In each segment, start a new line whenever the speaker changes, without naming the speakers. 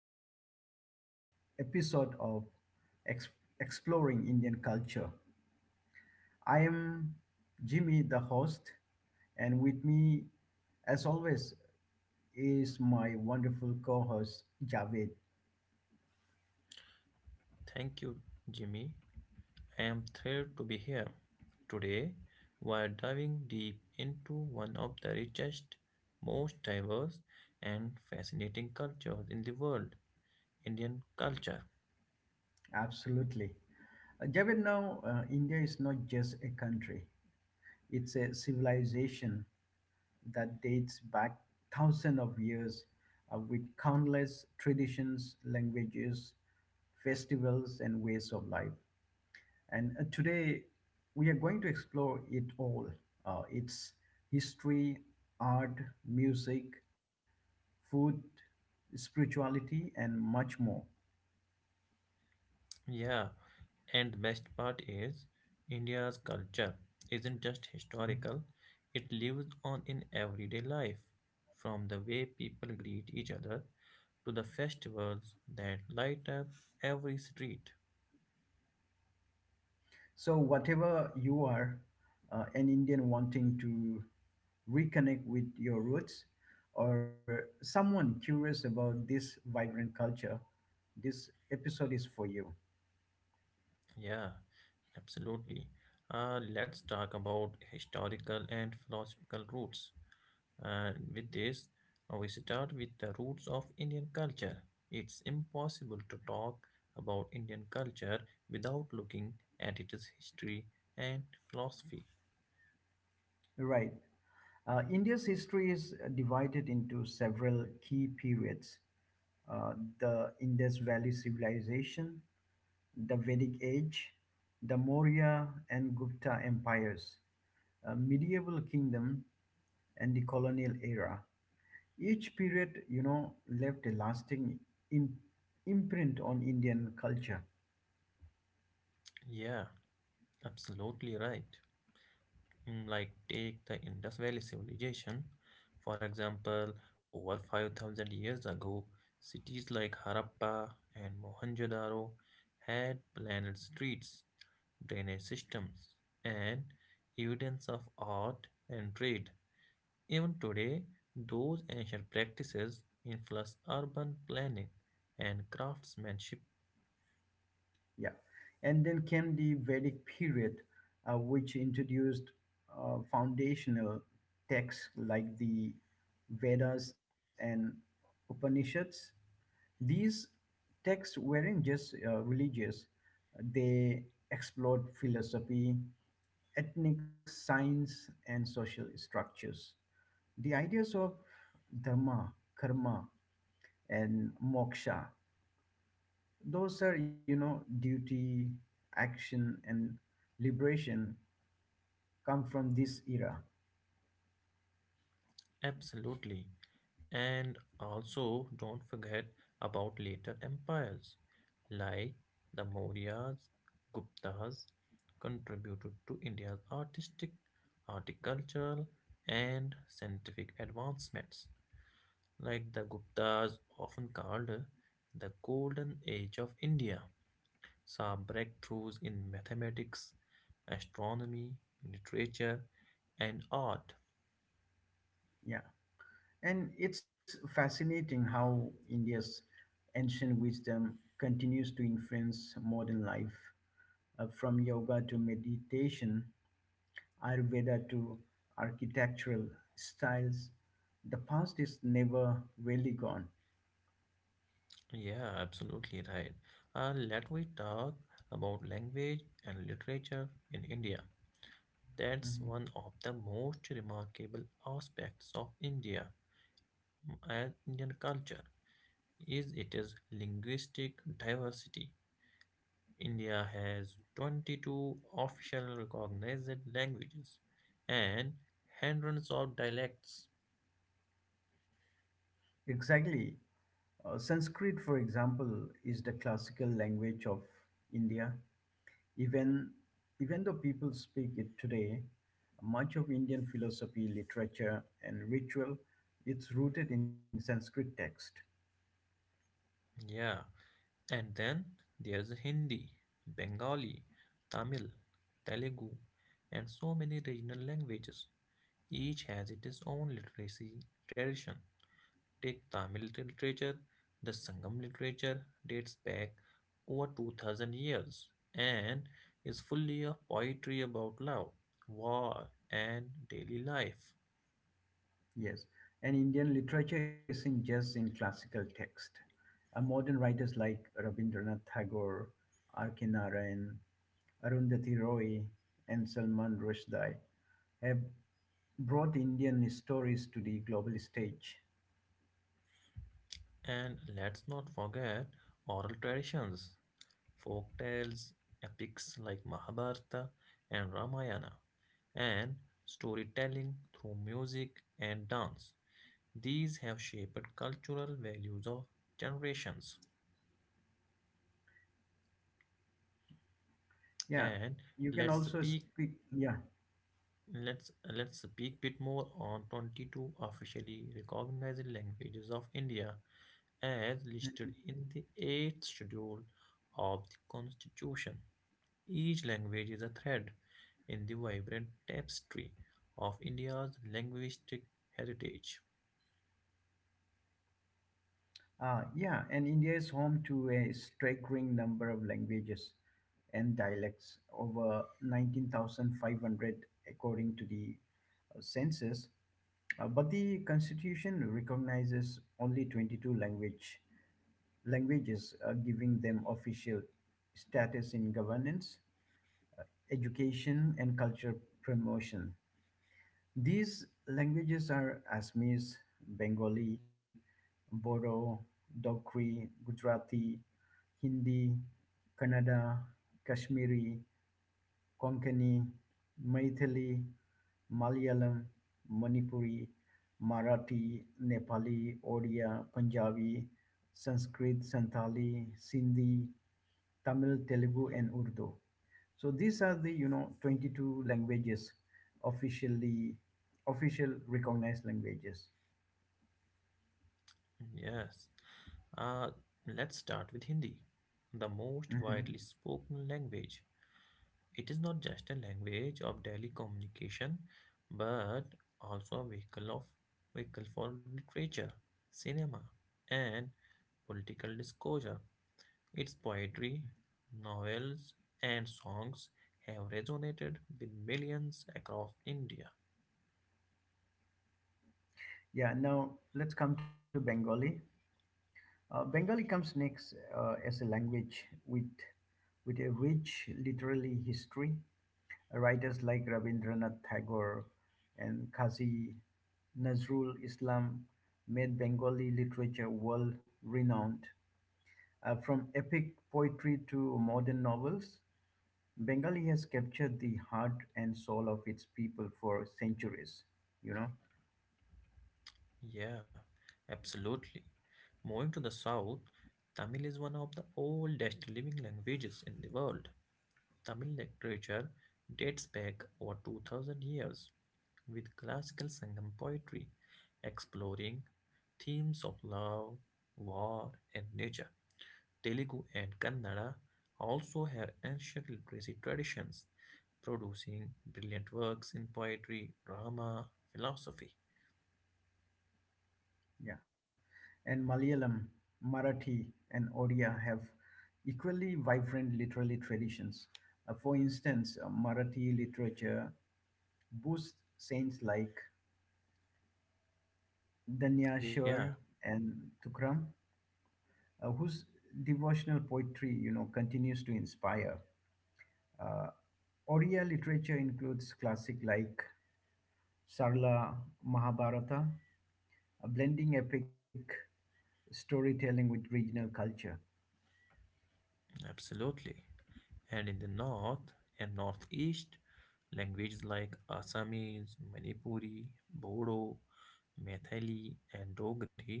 today's episode of Ex- Exploring Indian Culture. I am Jimmy, the host, and with me, as always, is my wonderful co host, Javed.
Thank you, Jimmy. I am thrilled to be here. Today, we're diving deep into one of the richest, most diverse, and fascinating cultures in the world, Indian culture.
Absolutely. Javed, now India is not just a country, it's a civilization that dates back thousands of years with countless traditions, languages, festivals, and ways of life. And today we are going to explore it all its history, art, music, food, spirituality, and much more.
Yeah, and the best part is, India's culture isn't just historical, it lives on in everyday life, from the way people greet each other to the festivals that light up every street.
So, whatever you are, an Indian wanting to reconnect with your roots, or someone curious about this vibrant culture, this episode is for you.
Yeah, absolutely. Let's talk about historical and philosophical roots. Uh, with this, we start with the roots of Indian culture. It's impossible to talk about Indian culture without looking at its history and philosophy.
Right. India's history is divided into several key periods uh, the Indus Valley Civilization, the Vedic Age, the Maurya and Gupta empires, a medieval kingdom, and the colonial era. Each period, you know, left a lasting im- imprint on Indian culture.
Yeah, absolutely right. Like take the Indus Valley civilization. For example, over 5,000 years ago, cities like Harappa and Mohenjo-daro had planet streets, drainage systems, and evidence of art and trade. Even today, those ancient practices influence urban planning and craftsmanship.
Yeah. And then came the Vedic period, which introduced foundational texts like the Vedas and Upanishads. These texts weren't just religious, they explored philosophy, ethnic science, and social structures. The ideas of dharma, karma, and moksha. Those are, you know, duty, action, and liberation come from this era.
Absolutely. And also, don't forget about later empires like the Mauryas, Guptas contributed to India's artistic, horticultural, and scientific advancements. Like the Guptas, often called the Golden Age of India, saw breakthroughs in mathematics, astronomy, literature, and art.
Yeah. And it's fascinating how India's ancient wisdom continues to influence modern life, from yoga to meditation, Ayurveda to architectural styles. The past is never really gone.
Yeah, absolutely right. Let me talk about language and literature in India. That's
Mm-hmm.
one of the most remarkable aspects of India and Indian culture, is it is linguistic diversity. India has 22 official recognized languages and hundreds of dialects.
Exactly. Sanskrit, for example, is the classical language of India. Even, even though people speak it today, much of Indian philosophy, literature, and ritual, it's rooted in Sanskrit text.
Yeah, and then there's Hindi, Bengali, Tamil, Telugu, and so many regional languages. Each has its own literacy tradition. Take Tamil literature, the Sangam literature dates back over 2,000 years and is fully of poetry about love, war, and daily life.
Yes, and Indian literature isn't just in classical text. Modern writers like Rabindranath Tagore, R.K. Narayan, Arundhati Roy, and Salman Rushdie have brought Indian stories to the global stage.
And let's not forget oral traditions, folk tales, epics like Mahabharata and Ramayana, and storytelling through music and dance. These have shaped cultural values of generations.
Yeah,
And
you can
let's
also
speak
speak. Yeah,
let's speak bit more on 22 officially recognized languages of India as listed in the 8th schedule of the constitution. Each language is a thread in the vibrant tapestry of India's linguistic heritage.
yeah, and India is home to a staggering number of languages and dialects, over 19,500 according to the census. But the constitution recognizes only 22 languages, giving them official status in governance, education, and culture promotion. These languages are Assamese, Bengali, Bodo, Dogri, Gujarati, Hindi, Kannada, Kashmiri, Konkani, Maithili, Malayalam, Manipuri, Marathi, Nepali, Odia, Punjabi, Sanskrit, Santali, Sindhi, Tamil, Telugu, and Urdu. So these are the 22 languages officially official recognized languages.
Yes, uh, let's start with Hindi, the most widely
Mhm.
spoken language. It is not just a language of daily communication, but also a vehicle for literature, cinema, and political discourse. Its poetry, novels, and songs have resonated with millions across India.
Yeah. Now let's come to Bengali. Bengali comes next as a language with a rich literary history. Writers like Rabindranath Tagore and Qazi Nazrul Islam made Bengali literature world renowned. From epic poetry to modern novels, Bengali has captured the heart and soul of its people for centuries, you know.
Yeah, absolutely. Moving to the south, Tamil is one of the oldest living languages in the world. Tamil literature dates back over 2,000 years with classical Sangam poetry exploring themes of love, war, and nature. Telugu and Kannada also have ancient literacy traditions, producing brilliant works in poetry, drama, philosophy.
Yeah. And Malayalam, Marathi, and Odia have equally vibrant literary traditions. For instance, Marathi literature boasts saints like
Yeah,
Danyashwar and Tukram, whose devotional poetry, continues to inspire. Uh, Odia literature includes classic like Sarla Mahabharata, blending epic storytelling with regional culture.
absolutely. And in the north and northeast, languages like Assamese, Manipuri, Bodo, Methali, and Dogri,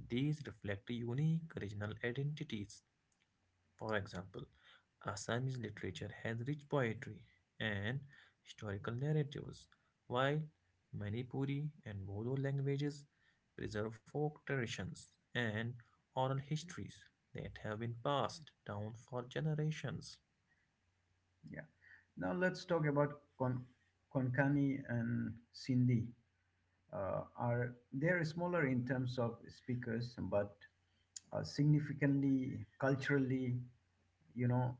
these reflect unique regional identities. For example, Assamese literature has rich poetry and historical narratives, while Manipuri and Bodo languages preserve folk traditions and oral histories that have been passed down for generations.
Yeah. Now let's talk about Konkani and Sindhi. Are they're smaller in terms of speakers, but significantly culturally, you know,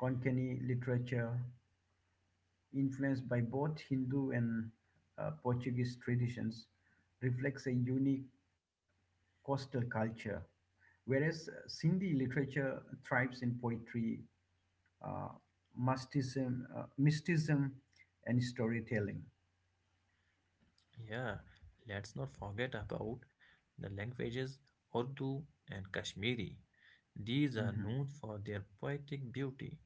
Konkani literature influenced by both Hindu and Portuguese traditions reflects a unique coastal culture, whereas Sindhi literature thrives in poetry, uh, mysticism, and storytelling.
Yeah, let's not forget about the languages Urdu and Kashmiri. These are
Mm-hmm.
known for their poetic beauty.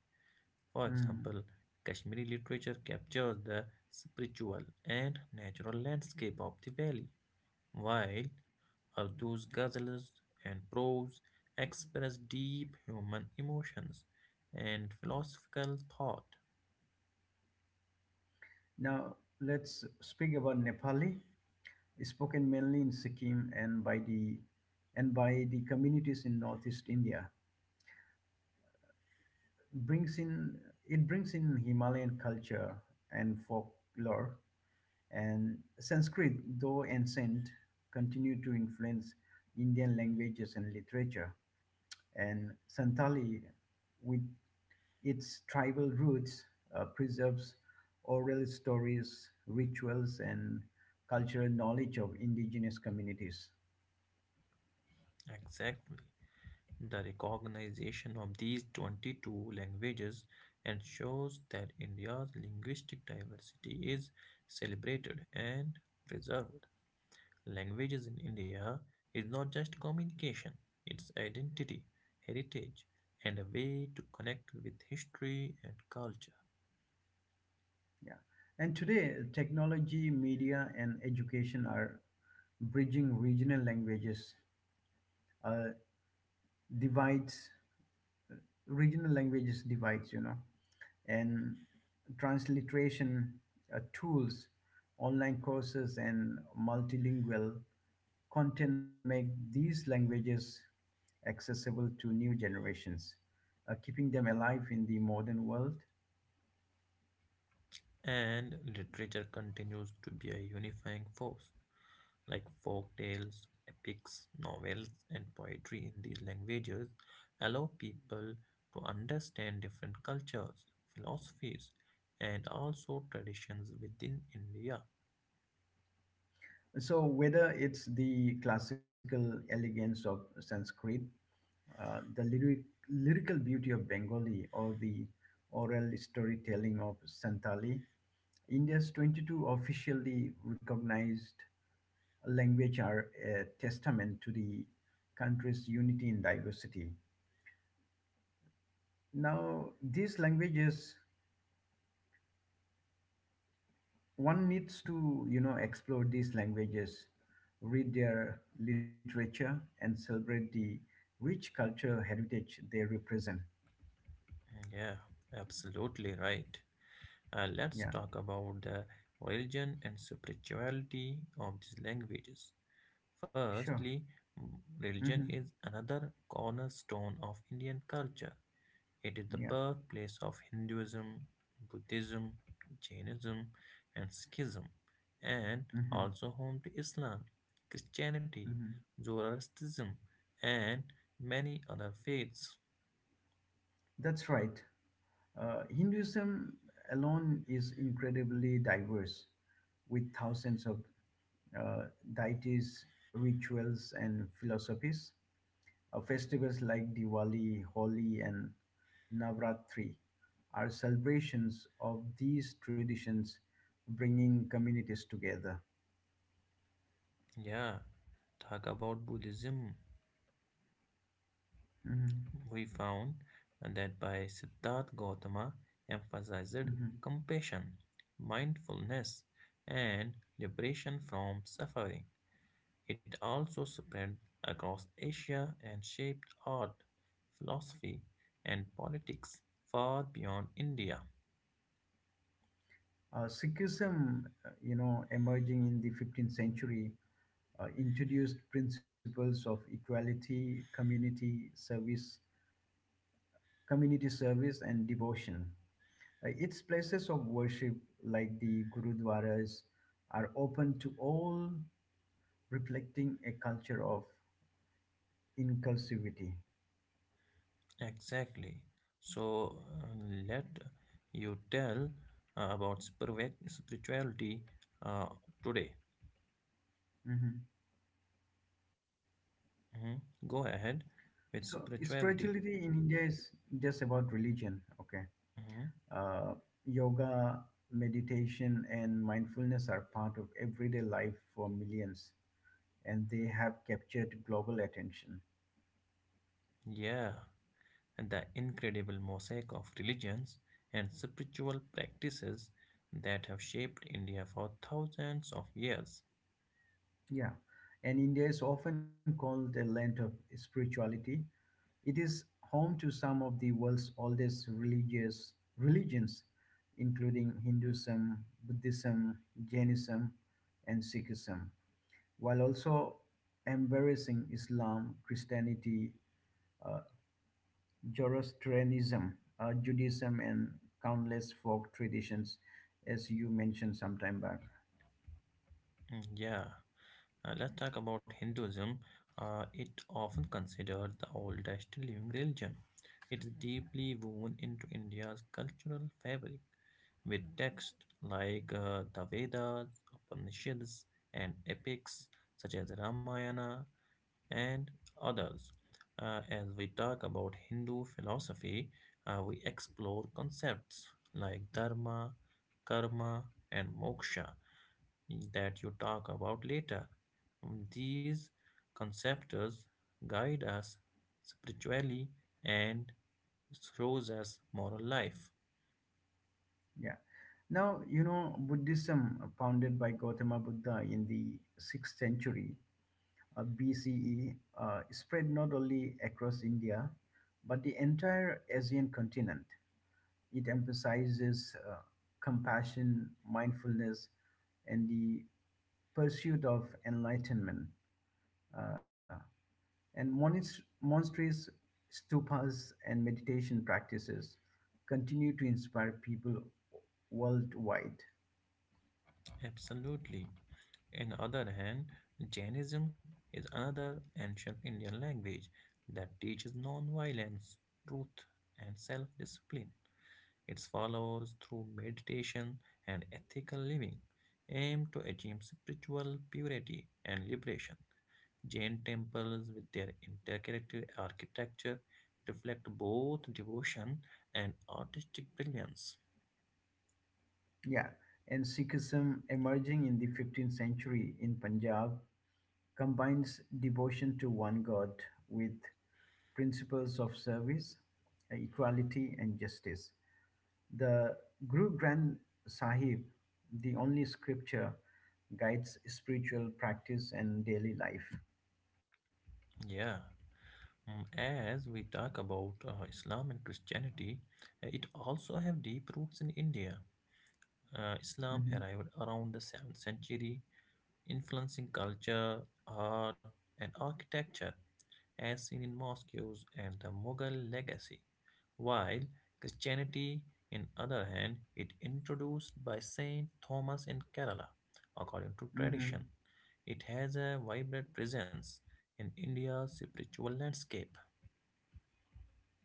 For
Mm.
example, Kashmiri literature captures the spiritual and natural landscape of the valley, while Urdu's ghazals and prose express deep human emotions and philosophical thought.
Now, let's speak about Nepali, spoken mainly in Sikkim and by the communities in Northeast India. Brings in it brings in Himalayan culture and folklore, and Sanskrit, though ancient, continue to influence Indian languages and literature. And Santali, with its tribal roots preserves oral stories, rituals, and cultural knowledge of indigenous communities.
Exactly. The recognition of these 22 languages ensures that India's linguistic diversity is celebrated and preserved. Languages in India is not just communication, it's identity, heritage, and a way to connect with history and culture.
Yeah. And today, technology, media, and education are bridging uh, divides, regional languages divides. And transliteration tools, online courses, and multilingual content make these languages accessible to new generations, keeping them alive in the modern world.
And literature continues to be a unifying force. Like folk tales, epics, novels, and poetry in these languages allow people to understand different cultures, philosophies, and also traditions within India.
So, whether it's the classical elegance of Sanskrit, the lyrical beauty of Bengali, or the oral storytelling of Santali, India's 22 officially recognized language are a testament to the country's unity in diversity. Now, these languages, one needs to, explore these languages, read their literature, and celebrate the rich cultural heritage they represent.
Yeah, absolutely right. Let's
Yeah,
talk about the religion and spirituality of these languages.
sure.
Firstly, mm, religion
Hmm.
is another cornerstone of Indian culture. It is the
Yeah.
birthplace of Hinduism, Buddhism, Jainism, and Sikhism, and
Hmm.
also home to Islam, Christianity,
Hmm.
Zoroastrianism, and many other faiths.
That's right. Hinduism alone is incredibly diverse, with thousands of uh, deities, rituals, and philosophies. Festivals like Diwali, Holi, and Navratri are celebrations of these traditions, bringing communities together.
Yeah, talk about Buddhism.
Mhm,
We found that by Siddhartha Gautama emphasized
mhm.
compassion, mindfulness, and liberation from suffering. It also spread across Asia and shaped art, philosophy, and politics far beyond India.
Sikhism, emerging in the 15th century, introduced principles of equality, community service, and devotion. Its places of worship, like the gurudwaras, are open to all, reflecting a culture of inclusivity.
Exactly. So let you tell about spirituality uh, today.
Mhm.
Mhm. Go ahead with
So
spirituality.
spirituality in India is just about religion. Okay,
Mhm.
uh, yoga, meditation, and mindfulness are part of everyday life for millions, and they have captured global attention.
Yeah, and the incredible mosaic of religions and spiritual practices that have shaped India for thousands of years.
Yeah, and India is often called the land of spirituality. It is home to some of the world's oldest religious religions, including Hinduism, Buddhism, Jainism, and Sikhism, while also embracing Islam, Christianity, uh, Zoroastrianism, Judaism, and countless folk traditions, as you mentioned some time back.
Yeah, let's talk about Hinduism. It often considered the oldest living religion. It is deeply woven into India's cultural fabric with texts like the Vedas, Upanishads, and epics such as Ramayana and others. As we talk about Hindu philosophy, we explore concepts like dharma, karma, and moksha that you talk about later. These concepts guide us spiritually and shows us moral life.
Yeah. Now, Buddhism, founded by Gautama Buddha in the 6th century BCE, spread not only across India, but the entire Asian continent. It emphasizes compassion, mindfulness, and the pursuit of enlightenment. Uh, and monasteries, stupas, and meditation practices continue to inspire people worldwide.
Absolutely. On the other hand, Jainism is another ancient Indian language that teaches non-violence, truth, and self-discipline. Its followers, through meditation and ethical living, aim to achieve spiritual purity and liberation. Jain temples, with their interconnected architecture, reflect both devotion and artistic brilliance.
Yeah, and Sikhism emerging in the 15th century in Punjab combines devotion to one God with principles of service, equality, and justice. The Guru Granth Sahib, the only scripture, guides spiritual practice and daily life.
Yeah. As we talk about Islam and Christianity, it also have deep roots in India. Islam
Mhm,
arrived around the 7th century, influencing culture, art, and architecture, as seen in mosques and the Mughal legacy. While Christianity, in other hand, it introduced by Saint Thomas in Kerala, according to tradition.
mhm.
It has a vibrant presence in India's spiritual landscape.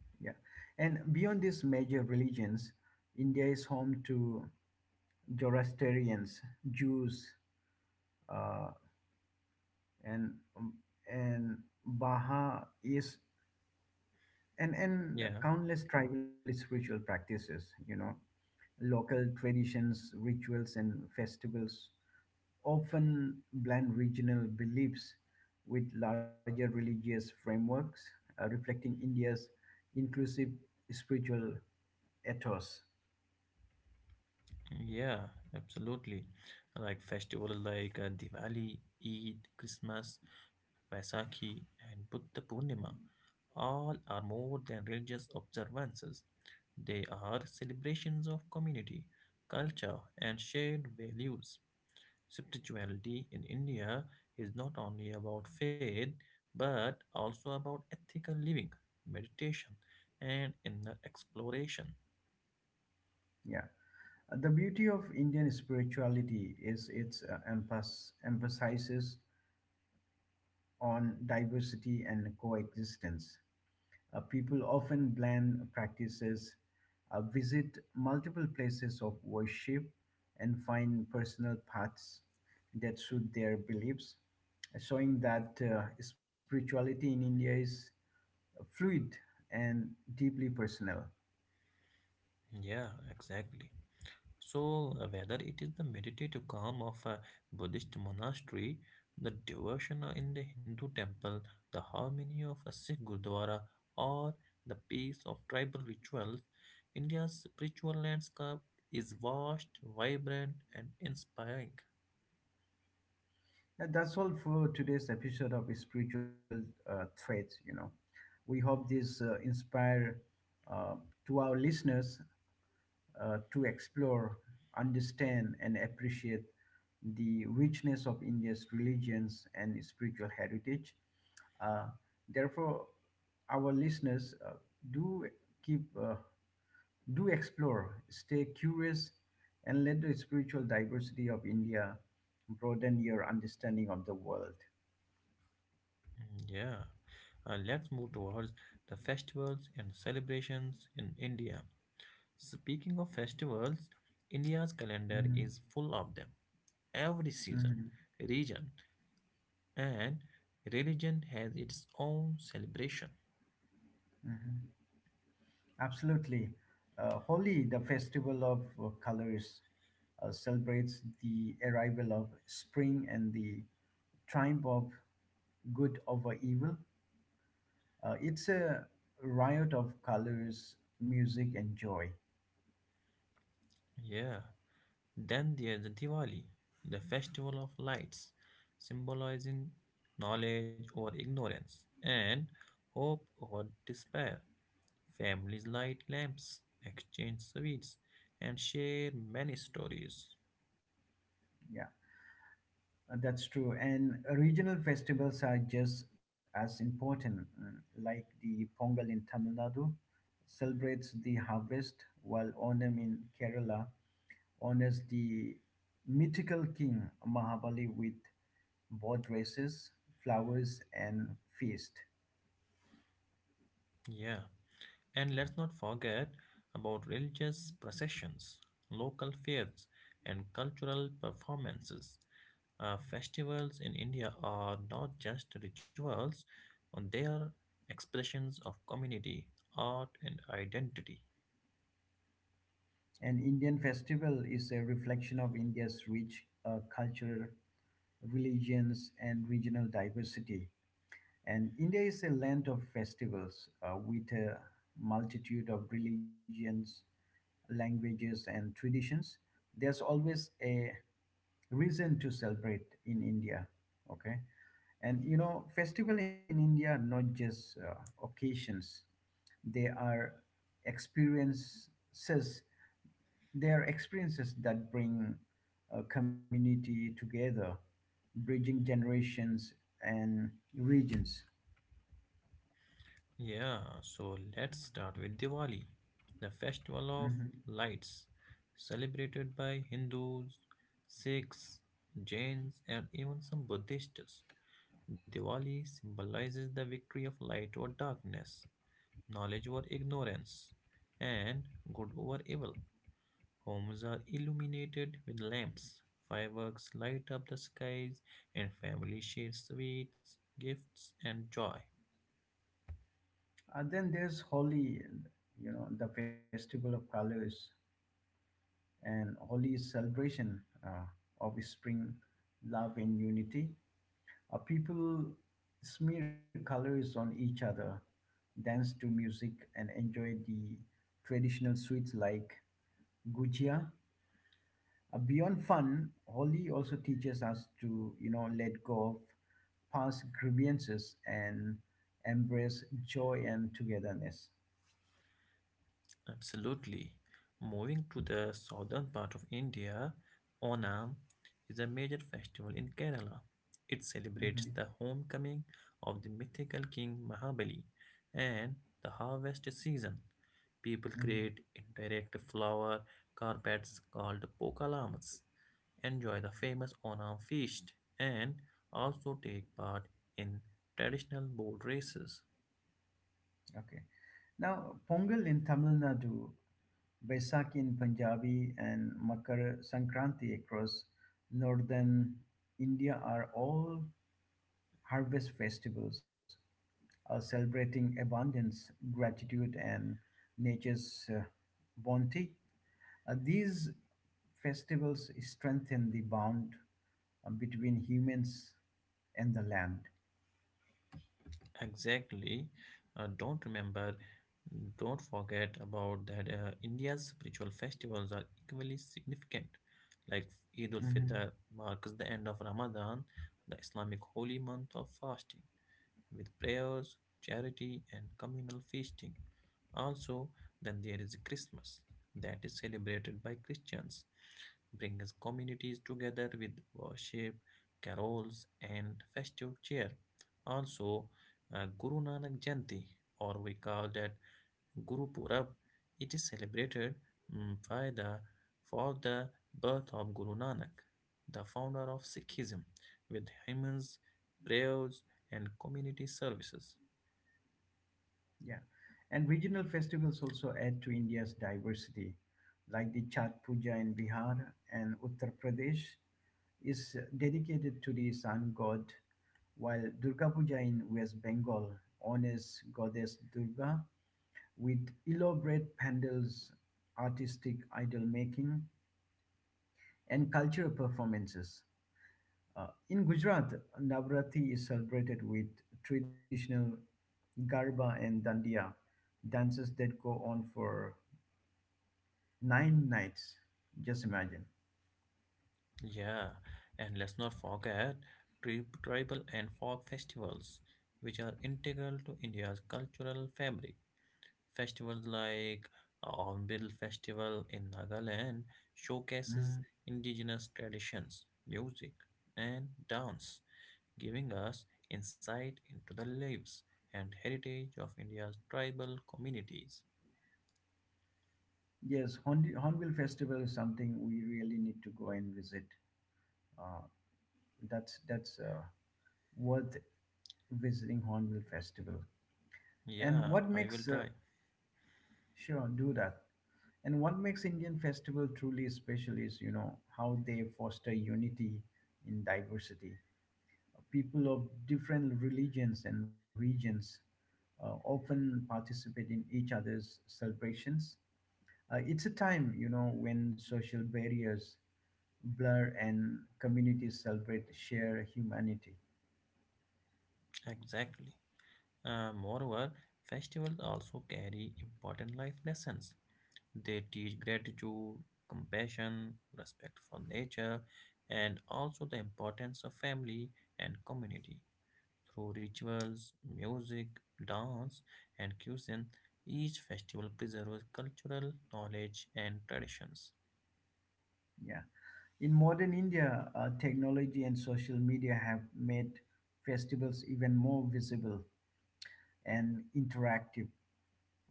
Yeah. And beyond these major religions, India is home to Zoroastrians, Jews, uh. and and Baha is and
Yeah.
countless tribal spiritual practices. Local traditions, rituals, and festivals often blend regional beliefs with larger religious frameworks, reflecting India's inclusive spiritual ethos.
Yeah, absolutely. Like festivals like Diwali, Eid, Christmas, Vaisakhi, and Buddha Purnima, all are more than religious observances. They are celebrations of community, culture, and shared values. Spirituality in India is not only about faith but also about ethical living, meditation, and inner exploration.
Yeah. The beauty of Indian spirituality is its emphasizes on diversity and coexistence. People often blend practices, visit multiple places of worship, and find personal paths that suit their beliefs, showing that spirituality in India is fluid and deeply personal.
Yeah, exactly. So, whether it is the meditative calm of a Buddhist monastery, the devotion in the Hindu temple, the harmony of a Sikh Gurdwara, or the peace of tribal rituals, India's spiritual landscape is vast, vibrant, and inspiring.
Now, that's all for today's episode of Spiritual Threads. We hope this inspire uh, to our listeners to explore, understand, and appreciate the richness of India's religions and spiritual heritage. Uh, therefore, our listeners do keep uh, do explore, stay curious, and let the spiritual diversity of India broaden your understanding of the world.
Yeah. Let's move towards the festivals and celebrations in India. Speaking of festivals, India's calendar
Mhm,
is full of them. Every season,
mhm.
region, and religion has its own celebration.
Absolutely. Holi, the festival of colors, celebrates the arrival of spring and the triumph of good over evil. It's a riot of colors, music, and joy.
Yeah. Then there's the Diwali, the festival of lights, symbolizing knowledge or ignorance, and hope or despair. Families light lamps, exchange sweets, and share many stories.
Yeah. That's true. And regional festivals are just as important, like the Pongal in Tamil Nadu celebrates the harvest, while Onam in Kerala honors the mythical king Mahabali with boat races, flowers, and feast.
Yeah. And let's not forget about religious processions, local fairs, and cultural performances. Festivals in India are not just rituals, they are expressions of community, art, and identity.
An Indian festival is a reflection of India's rich culture, religions, and regional diversity. And India is a land of festivals with a multitude of religions, languages, and traditions. There's always a reason to celebrate in India. Okay. And festival in India are not just occasions, they are experiences, they are experiences that bring a community together, bridging generations and regions.
Yeah, so let's start with Diwali, the festival of
Mhm.
lights, celebrated by Hindus, Sikhs, Jains, and even some Buddhists. Diwali symbolizes the victory of light over darkness, knowledge over ignorance, and good over evil. Homes are illuminated with lamps, fireworks light up the skies, and families share sweets, gifts, and joy.
And then there's Holi, and the festival of colors, and Holi is celebration of spring, love, and unity. People smear colors on each other, dance to music, and enjoy the traditional sweets like gujia. Beyond fun, Holi also teaches us to, let go of past grievances and embrace joy and togetherness.
Absolutely. Moving to the southern part of India, Onam is a major festival in Kerala. It celebrates
Mhm,
the homecoming of the mythical king Mahabali and the harvest season. People
mhm.
create indirect flower carpets called pokalamas, enjoy the famous Onam feast, and also take part in traditional boat races.
Okay. Now, Pongal in Tamil Nadu, Baisakhi in Punjabi, and Makar Sankranti across northern India are all harvest festivals celebrating abundance, gratitude, and nature's bounty. These festivals strengthen the bond between humans and the land.
Exactly. Uh, don't remember, don't forget about that. India's spiritual festivals are equally significant. Like Eid al Fitr marks the end of Ramadan, the Islamic holy month of fasting, with prayers, charity, and communal feasting. Also, then there is Christmas that is celebrated by Christians brings communities together with worship, carols, and festive cheer. Also, Guru Nanak Jayanti, or we call that Guru Purab, it is celebrated by the for the birth of Guru Nanak, the founder of Sikhism, with hymns, prayers, and community services.
Yeah, and regional festivals also add to India's diversity, like the Chhat Puja in Bihar and Uttar Pradesh is dedicated to the sun god, while Durga Puja in West Bengal honors goddess Durga with elaborate pandals, artistic idol making, and cultural performances. In Gujarat, Navratri is celebrated with traditional Garba and Dandiya dances that go on for 9 nights. Just imagine.
Yeah, and let's not forget tribal and folk festivals, which are integral to India's cultural fabric. Festivals like Onbil Festival in Nagaland showcases indigenous traditions, music, and dance, giving us insight into the lives and heritage of India's tribal communities.
Yes, Hornbill Festival is something we really need to go and visit. Uh, that's worth visiting Hornbill Festival. And
Yeah,
what
I will
makes
try.
sure do that. And what makes Indian festival truly special is you know how they foster unity in diversity. People of different religions and regions often participate in each other's celebrations. It's a time, when social barriers blur and communities celebrate shared humanity.
Exactly. Moreover, festivals also carry important life lessons. They teach gratitude, compassion, respect for nature, and also the importance of family and community. Through rituals, music, dance, and cuisine, each festival preserves cultural knowledge and traditions.
Yeah. In modern India, technology and social media have made festivals even more visible and interactive.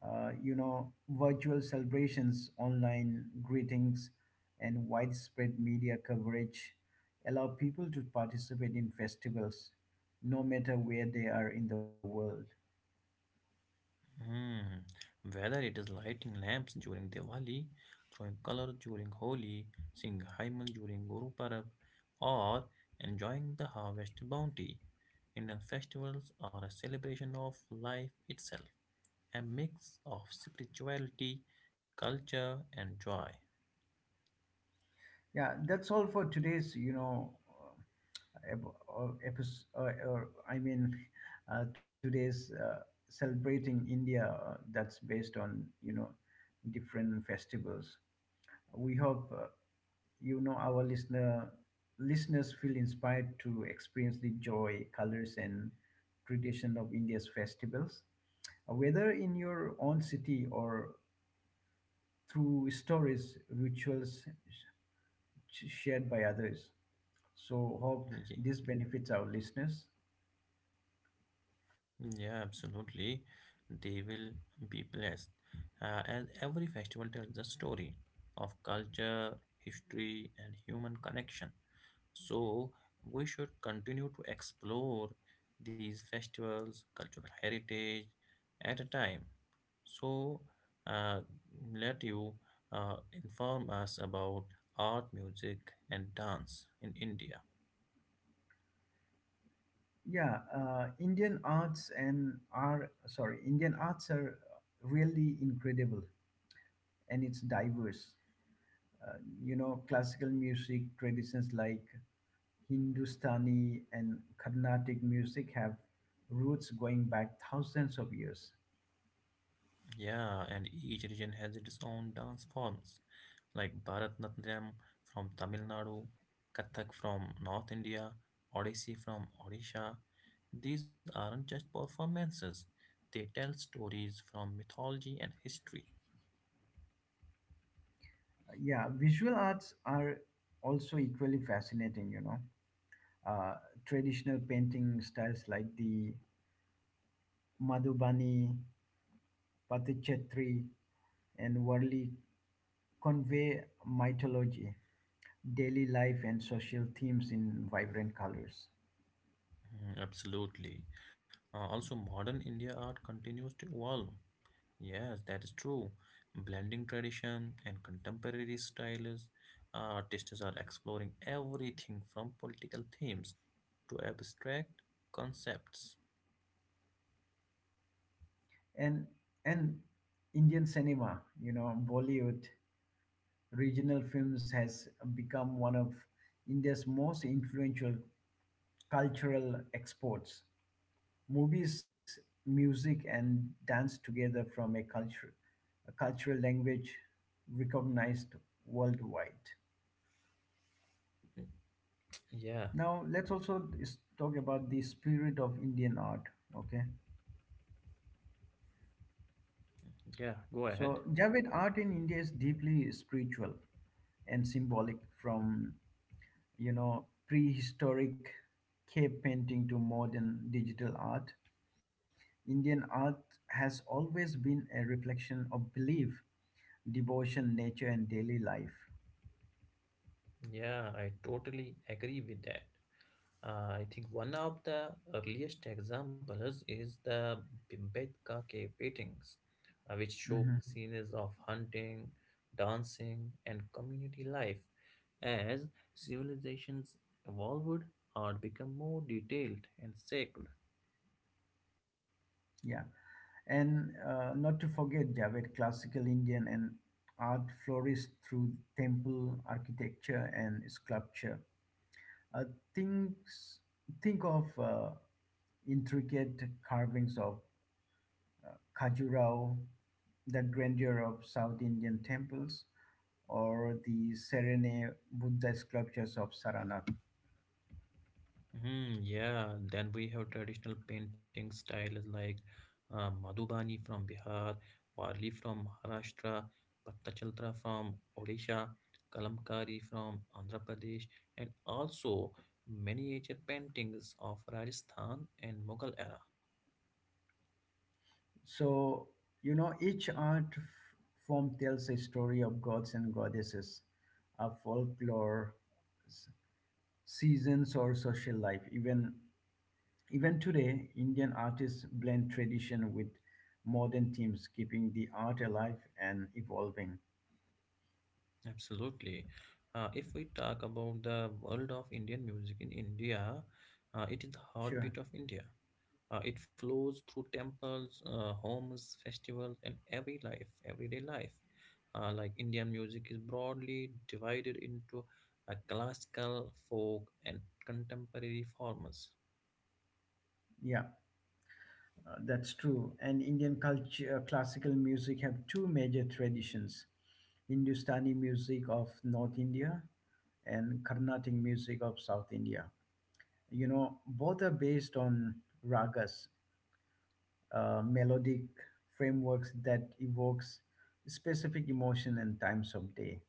Virtual celebrations, online greetings, and widespread media coverage allow people to participate in festivals, no matter where they are in the world.
Hmm. Whether it is lighting lamps during Diwali, throwing color during Holi, singing Haimal during Guru Parab, or enjoying the harvest bounty, Indian festivals are a celebration of life itself, a mix of spirituality, culture, and joy.
Yeah, that's all for today's episode, or I mean, today's celebrating India, that's based on, you know, different festivals. We hope you know our listener listeners feel inspired to experience the joy, colors, and tradition of India's festivals, whether in your own city or through stories, shared by others. So hope
Ye-
this benefits our listeners.
Yeah, absolutely. They will be blessed. As every festival tells a story of culture, history, and human connection. So we should continue to explore these festivals, cultural heritage at a time. So uh, let you inform us about art, music, and dance in India.
Yeah, Indian arts are really incredible and it's diverse. uh, you know, classical music traditions like hindustani and carnatic music have roots going back thousands of years.
Yeah, and each region has its own dance forms, like Bharatanatyam from Tamil Nadu, Kathak from North India, Odissi from Odisha. These aren't just performances, they tell stories from mythology and history.
Yeah, visual arts are also equally fascinating, you know. uh, Traditional painting styles like the madhubani, patichatri, and Warli convey mythology, daily life, and social themes in vibrant colors.
Absolutely. Modern India art continues to evolve. Yes, that is true. Blending tradition and contemporary styles, artists are exploring everything from political themes to abstract concepts.
And and indian cinema, you know, bollywood, regional films, has become one of india's most influential cultural exports. Movies, music, and dance together from a culture, a cultural language recognized worldwide.
Mm, Yeah,
Now let's also talk about the spirit of indian art. Okay,
Yeah, go
so
ahead.
Javed, art in india is deeply spiritual and symbolic, from you know, prehistoric cave painting to modern digital art. Indian art has always been a reflection of belief, devotion, nature, and daily life.
Yeah, I totally agree with that. I think one of the earliest examples is the Bimbetka cave paintings, which show
Hmm.
scenes of hunting, dancing, and community life as civilizations evolved or become more detailed and sacred.
Yeah. And not to forget, Javed, classical Indian and art flourished through temple architecture and sculpture. Uh, things, think of intricate carvings of Khajuraho, the grandeur of South Indian temples, or the serene Buddha sculptures of Saranath.
Yeah, then we have traditional painting styles like Madhubani from Bihar, Warli from Maharashtra, Pattachaltra from Odisha, Kalamkari from Andhra Pradesh, and also miniature paintings of Rajasthan and Mughal era.
So, you know, form tells a story of gods and goddesses, of folklore, s- seasons, or social life. Even today, Indian artists blend tradition with modern themes, keeping the art alive and evolving.
Absolutely. If we talk about the world of Indian music in India, it is the
Sure.
heartbeat of India. It flows through temples, homes, festivals, and everyday life. Like Indian music is broadly divided into classical, folk, and contemporary forms.
Yeah. That's true. And Indian culture, classical music have two major traditions, Hindustani music of North India and Carnatic music of South India. You know, both are based on ragas, melodic frameworks that evokes specific emotion and times of day.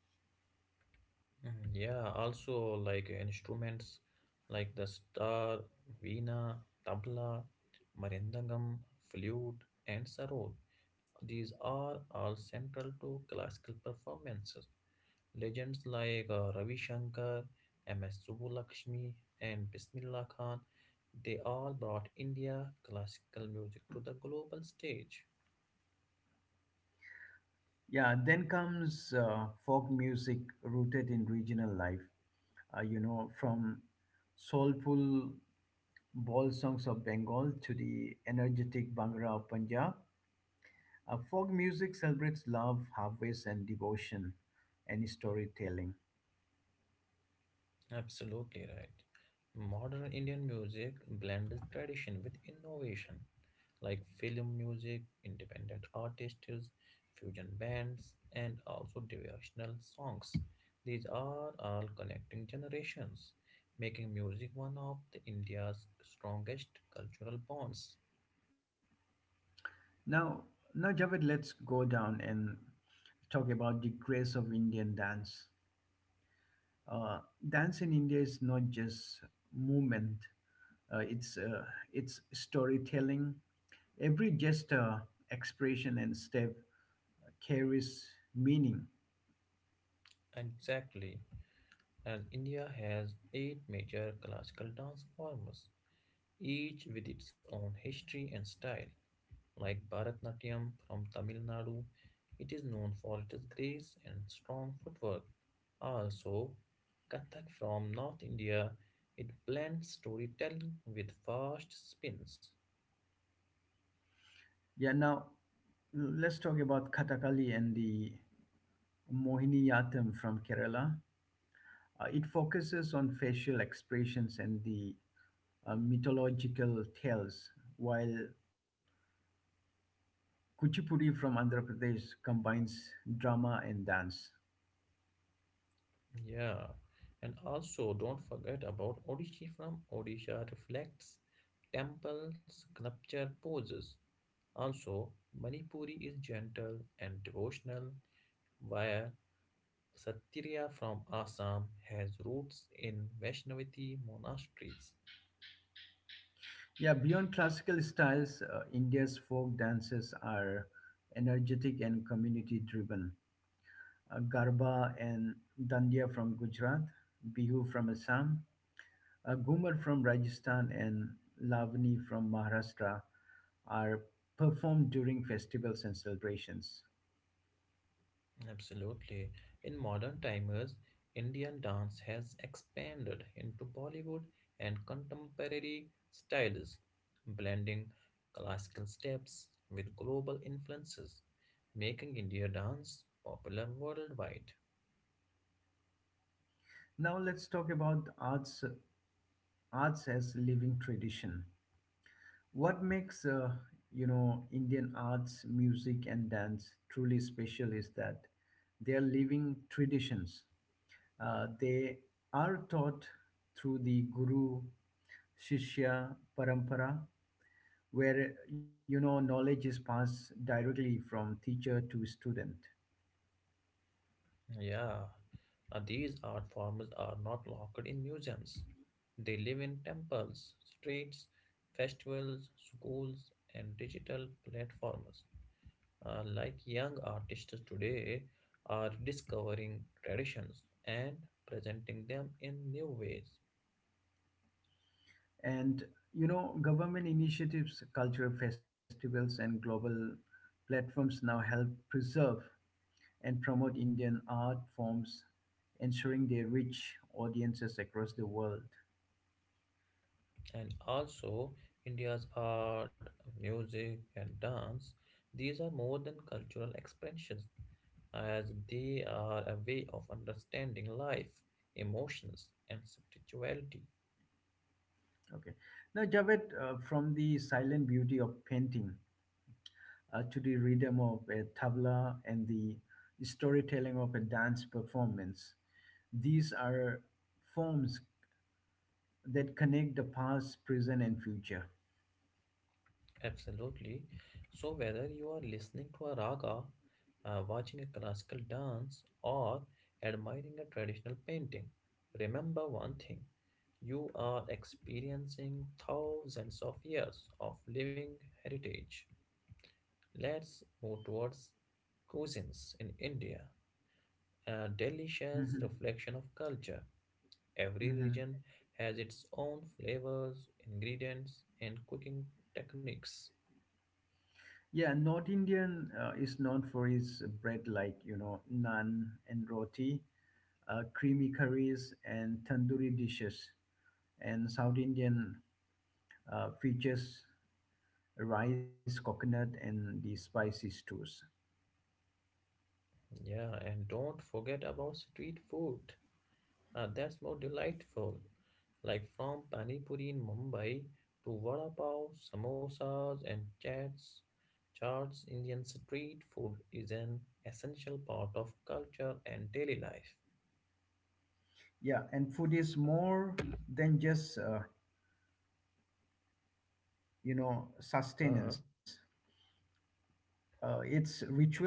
Yeah, Also like instruments like the sitar, veena, tabla, marindangam, flute, and sarod. These are all central to classical performances. Legends like Ravi Shankar, M.S. Subbulakshmi, and Bismillah Khan, they all brought India classical music to the global stage.
Yeah, then comes folk music rooted in regional life. You know, from soulful Ball songs of Bengal to the energetic Bhangra of Punjab. Folk music celebrates love, harvest, and devotion, and storytelling.
Absolutely right. Modern Indian music blends tradition with innovation, like film music, independent artists, fusion bands, and also devotional songs. These are all connecting generations, making music one of the India's strongest cultural bonds.
Now, now, Javed, let's go down and talk about the grace of Indian dance. Uh, Dance in India is not just movement; uh, it's uh, it's storytelling. Every gesture, expression, and step carries meaning.
Exactly. And India has 8 major classical dance forms, each with its own history and style. Like Bharatnatyam from Tamil Nadu. It is known for its grace and strong footwork. Also, Kathak from North India, it blends storytelling with fast spins.
Yeah. Now, let's talk about Kathakali and the Mohiniyattam from Kerala. It focuses on facial expressions and the mythological tales, while Kuchipudi from Andhra Pradesh combines drama and dance.
Yeah, and also don't forget about Odishi from Odisha reflects temple sculpture poses. Also, Manipuri is gentle and devotional, while Satirya from Assam has roots in Vaishnavi monasteries.
Yeah, beyond classical styles, India's folk dances are energetic and community driven. Garba and Dandiya from Gujarat, Bihu from Assam, Ghumar from Rajasthan, and Lavani from Maharashtra are performed during festivals and celebrations.
Absolutely. In modern times, Indian dance has expanded into Bollywood and contemporary styles, blending classical steps with global influences, making India dance popular worldwide.
Now let's talk about arts as living tradition. What makes you know, Indian arts, music, and dance truly special is that they are living traditions. They are taught through the guru shishya parampara, where you know, knowledge is passed directly from teacher to student.
Yeah, these art forms are not locked in museums. They live in temples, streets, festivals, schools, and digital platforms. Like young artists today are discovering traditions and presenting them in new ways.
And you know, government initiatives, cultural festivals, and global platforms now help preserve and promote indian art forms, ensuring they reach audiences across the world.
And also, India's art, music, and dance, these are more than cultural expressions, as they are a way of understanding life, emotions, and spirituality.
Okay, now Javed, from the silent beauty of painting to the rhythm of a tabla and the storytelling of a dance performance. These are forms that connect the past, present, and future.
Absolutely. So, whether you are listening to a raga, watching a classical dance, or admiring a traditional painting, remember one thing: you are experiencing thousands of years of living heritage. Let's move towards cuisines in India, a delicious
Mhm,
reflection of culture. Every
mhm.
region has its own flavors, ingredients, and cooking techniques.
Yeah, North Indian is known for its bread like, you know, naan and roti, creamy curries, and tandoori dishes. And South Indian features rice, coconut, and the spicy stews.
Yeah, and don't forget about street food. Ah, that's more delightful. Like from Pani Puri in Mumbai to Vada Pav, samosas, and chats. Charts Indian street food is an essential part of culture and daily life.
Yeah, and food is more than just,
Uh,
sustenance. It's ritual,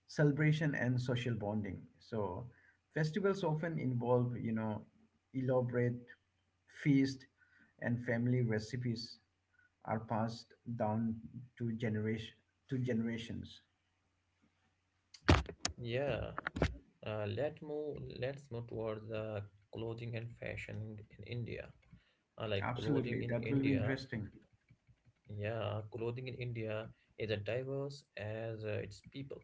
celebration, and social bonding. So festivals often involve, you know, elaborate feast, and family recipes are passed down to generation to generations.
yeah. Let's move towards the clothing and fashion in India. Uh, like clothing
Absolutely,
in
that will be
India,
interesting.
yeah, clothing in India is as diverse as its people.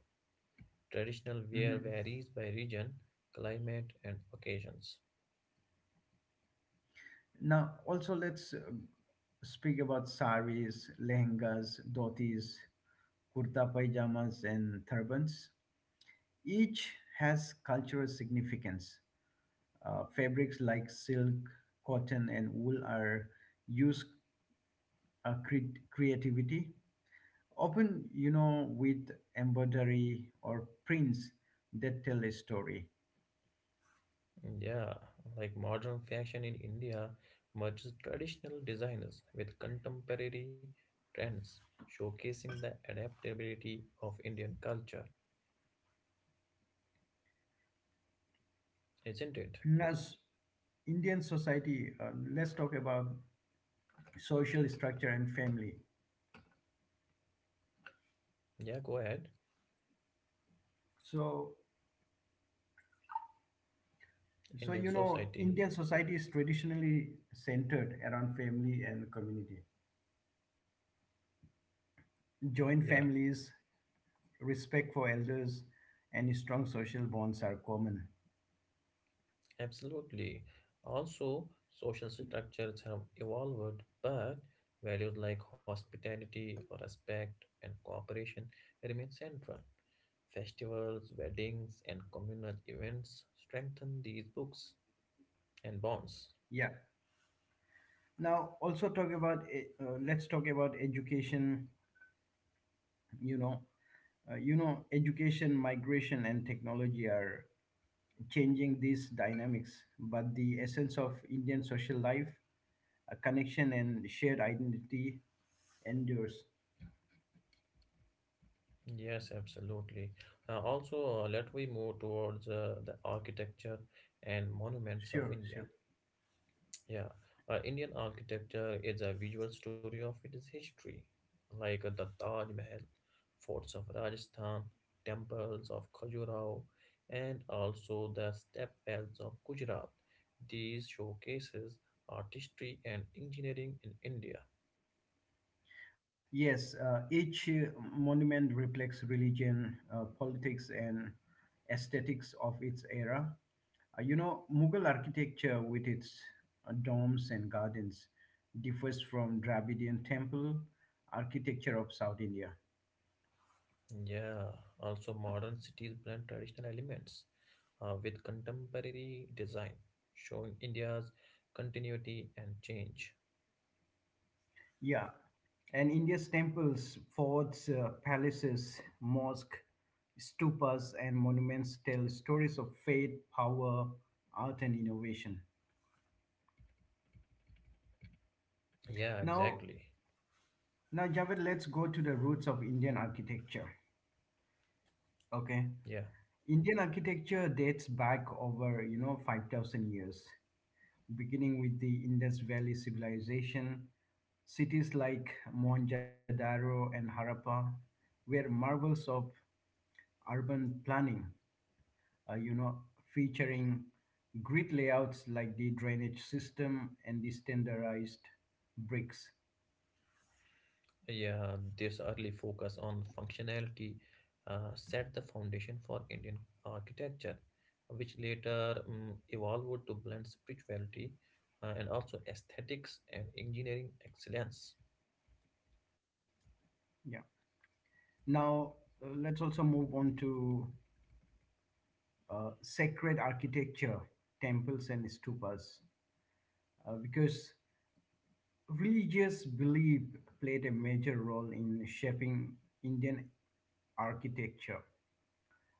Traditional wear
Mhm.
varies by region, climate, and occasions.
Now, also let's speak about saris, lehengas, dhotis, kurta pajamas, and turbans. Each has cultural significance. Fabrics like silk, cotton, and wool are used creativity, often you know, with embroidery or prints that tell a story.
Yeah, like modern fashion in India merges traditional designers with contemporary trends, showcasing the adaptability of Indian culture, isn't it?
And as Indian society, let's talk about social structure and family.
Yeah, go ahead,
So, so,
Indian
you know,
society.
Indian society is traditionally centered around family and community. Joint
Yeah.
families, respect for elders, and strong social bonds are common.
Absolutely. Also, social structures have evolved, but values like hospitality, respect, and cooperation remain central. Festivals, weddings, and communal events strengthen these books and bonds.
Yeah. Now, also talk about let's talk about education. You know, you know, education, migration, and technology are changing these dynamics, but the essence of Indian social life, a connection and shared identity, endures.
Yes, absolutely. Also, let we move towards the architecture and monuments of
Sure,
India.
sure.
Yeah, Indian architecture is a visual story of its history, like the Taj Mahal, forts of Rajasthan, temples of Khajuraho, and also the step wells of Gujarat. These showcases artistry and engineering in India.
Yes, each monument reflects religion, politics, and aesthetics of its era. You know, Mughal architecture, with its domes and gardens, differs from Dravidian temple architecture of South India.
Yeah, also modern cities blend traditional elements with contemporary design, showing India's continuity and change.
Yeah, and India's temples, forts, palaces, mosque, stupas, and monuments tell stories of faith, power, art, and innovation.
Yeah,
Now,
exactly.
Now, Javed, let's go to the roots of Indian architecture. Okay,
Yeah.
Indian architecture dates back over you know, 5,000 years, beginning with the Indus Valley civilization. Cities like Mohenjo-daro and Harappa were marvels of urban planning. You know, featuring grid layouts like the drainage system and the standardized bricks.
Yeah, this early focus on functionality set the foundation for Indian architecture, which later evolved to blend spirituality and also aesthetics and engineering excellence.
Yeah. Now, let's also move on to sacred architecture, temples, and stupas, because religious belief played a major role in shaping Indian architecture.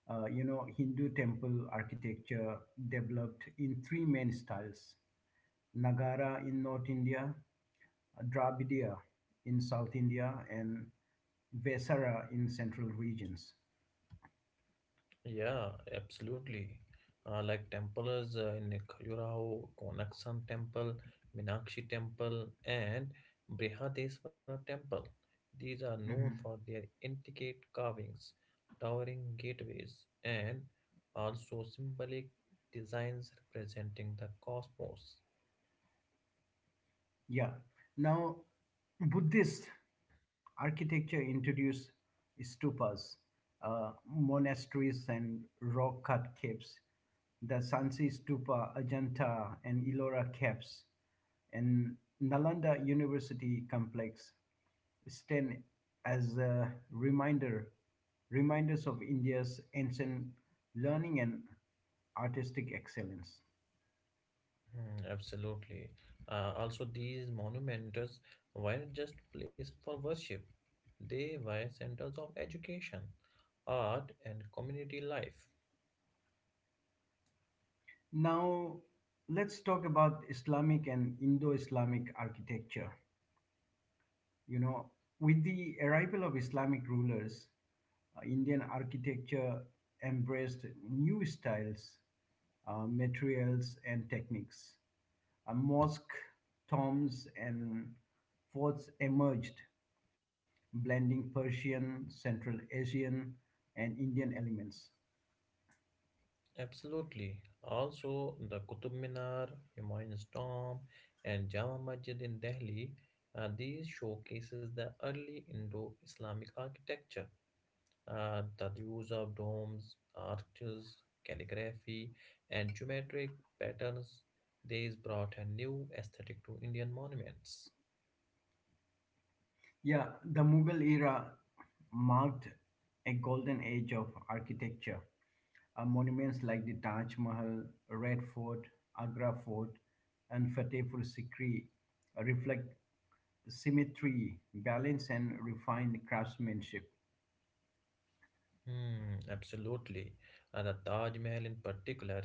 You know, Hindu temple architecture developed in three main styles: Nagara in North India, Dravidiya in South India, and Vesara in central regions.
Yeah, absolutely. Like temples in Khajuraho, Konaksan Temple, Minakshi Temple, and Brihadeswara Temple. These are known for
Mhm.
their intricate carvings, towering gateways, and also symbolic designs representing the cosmos.
Yeah. Now, Buddhist architecture introduced stupas, monasteries, and rock cut caves. The Sansi Stupa, Ajanta, and Ellora caves, and Nalanda University complex stand as a reminder reminders of India's ancient learning and artistic excellence.
Absolutely. Also, these monumentals weren't just places for worship, they were centers of education, art, and community life.
Now, let's talk about Islamic and Indo Islamic architecture. You know, with the arrival of Islamic rulers, Indian architecture embraced new styles, materials, and techniques. A mosque, tombs, and forts emerged, blending Persian, Central Asian, and Indian elements.
Absolutely. Also, the Qutub Minar, Humayun's Tomb, and Jama Masjid in Delhi, these showcases the early Indo-Islamic architecture. The use of domes, arches, calligraphy, and geometric patterns, these brought a new aesthetic to Indian monuments.
Yeah, the Mughal era marked a golden age of architecture. Monuments like the Taj Mahal, Red Fort, Agra Fort, and Fatehpur Sikri reflect symmetry, balance, and refined craftsmanship.
Absolutely. And the Taj Mahal in particular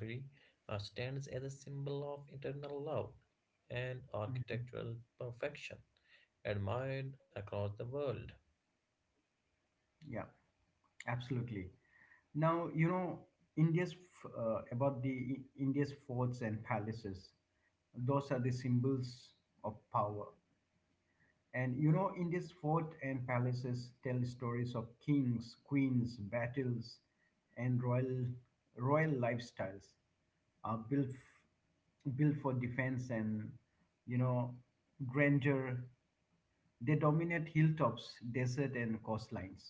stands as a symbol of internal love and
Mm.
architectural perfection, admired across the world.
Yeah, absolutely. Now, you know, about the India's forts and palaces, those are the symbols of power. And you know, in this fort and palaces tell stories of kings, queens, battles, and royal lifestyles, are built for defense and you know, grandeur. They dominate hilltops, desert, and coastlines.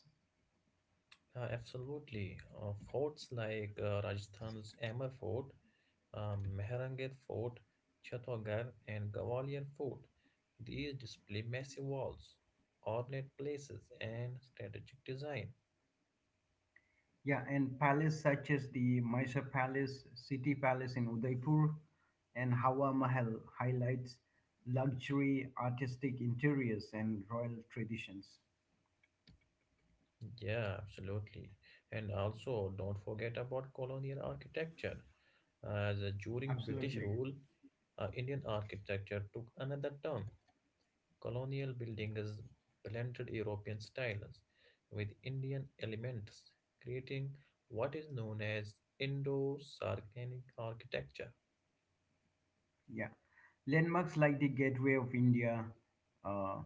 Absolutely. Forts like Rajasthan's Amer Fort, Mehrangarh Fort, Chhatwgarh, and Gwalior Fort. These display massive walls, ornate places, and strategic design.
Yeah, and palace such as the Mysore Palace, City Palace in Udaipur, and Hawa Mahal highlights luxury, artistic interiors, and royal traditions.
Yeah, absolutely. And also, don't forget about colonial architecture. As during British
Absolutely.
rule, Indian architecture took another turn. Colonial buildings blended European styles with Indian elements, creating what is known as Indo-Saracenic architecture.
Yeah. Landmarks like the Gateway of India, uh,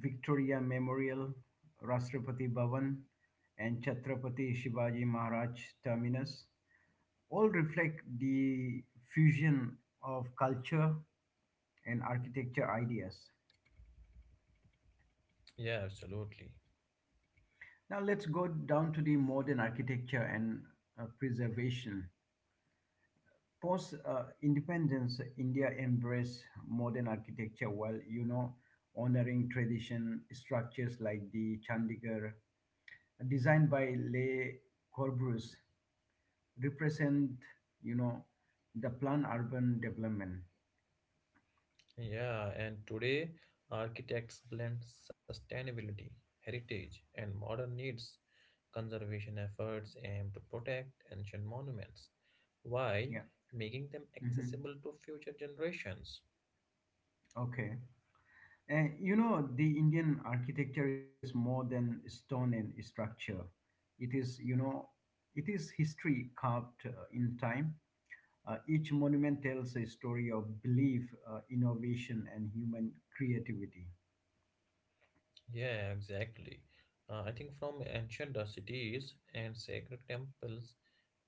Victoria Memorial, Rashtrapati Bhavan, and Chhatrapati Shivaji Maharaj Terminus all reflect the fusion of culture and architecture ideas.
Yeah, absolutely.
Now let's go down to the modern architecture and preservation. Post independence, India embraced modern architecture while you know, honoring tradition structures like the Chandigarh, designed by Le Corbusier, represent you know, the planned urban development.
Yeah, and today architects blend sustainability, heritage, and modern needs. Conservation efforts aim to protect ancient monuments while
Yeah.
making them
Hmm.
accessible to future generations.
Okay. And you know, the Indian architecture is more than stone and structure. It is you know, it is history carved in time. Each monument tells a story of belief, innovation, and human creativity.
Yeah, exactly. I think from ancient cities and sacred temples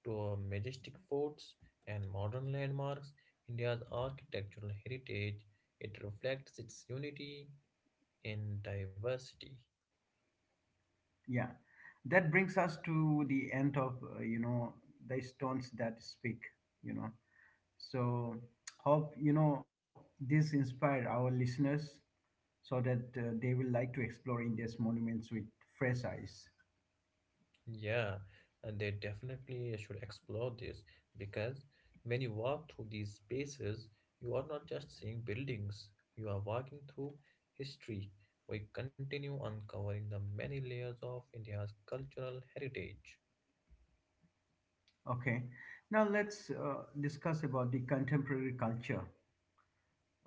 to majestic forts and modern landmarks, India's architectural heritage, it reflects its unity in diversity.
Yeah, that brings us to the end of you know, the stones that speak. You know, so hope you know, this inspired our listeners so that they will like to explore India's monuments with fresh eyes.
Yeah, and they definitely should explore this, because when you walk through these spaces, you are not just seeing buildings, you are walking through history. We continue uncovering the many layers of India's cultural heritage.
Okay, now let's discuss about the contemporary culture.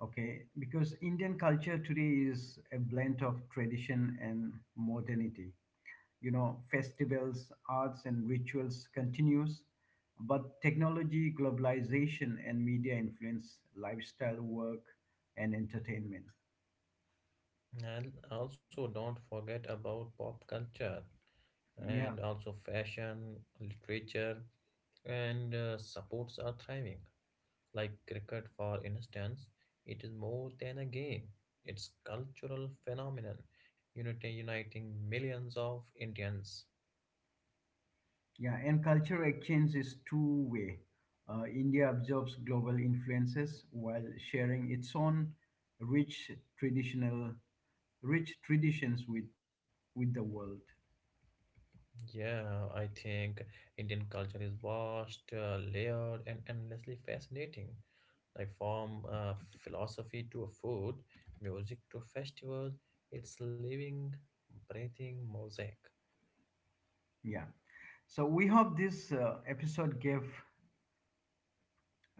Okay, because Indian culture today is a blend of tradition and modernity. You know, festivals, arts, and rituals continues, but technology, globalization, and media influence lifestyle, work, and entertainment.
And also, don't forget about pop culture
Yeah,
and also fashion, literature, and supports are thriving. Like cricket, for instance, it is more than a game. It's cultural phenomenon, unity uniting millions of Indians.
yeah, and culture exchange is two-way. India absorbs global influences while sharing its own rich traditional, rich traditions with the world.
Yeah, I think Indian culture is vast, layered, and endlessly fascinating. Like from philosophy to food, music to festivals, it's living, breathing mosaic.
Yeah. So we hope this episode gave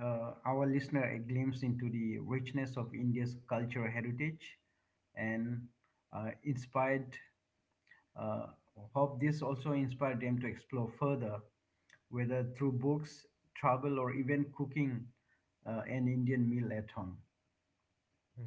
our listener a glimpse into the richness of India's cultural heritage and uh, inspired, uh, hope this also inspired them to explore further, whether through books, travel, or even cooking an Indian meal at home.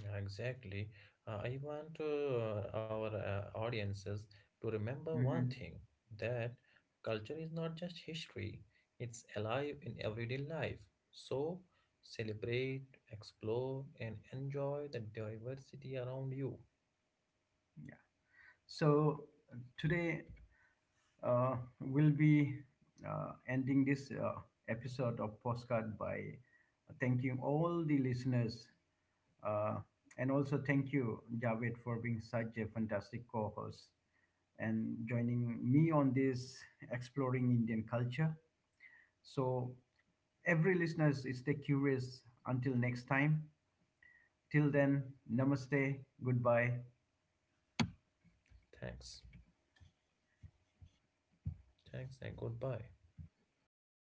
Yeah, exactly. I want our audiences to remember one
Mhm.
thing, that culture is not just history, it's alive in everyday life. So celebrate, explore, and enjoy the diversity around you.
Yeah. So today we'll be ending this episode of Postcard by thanking all the listeners. Uh, and also thank you, Javed, for being such a fantastic co host and joining me on this exploring Indian culture. So, every listeners, stay curious until next time. Till then, namaste, goodbye.
Thanks. Thanks, and goodbye.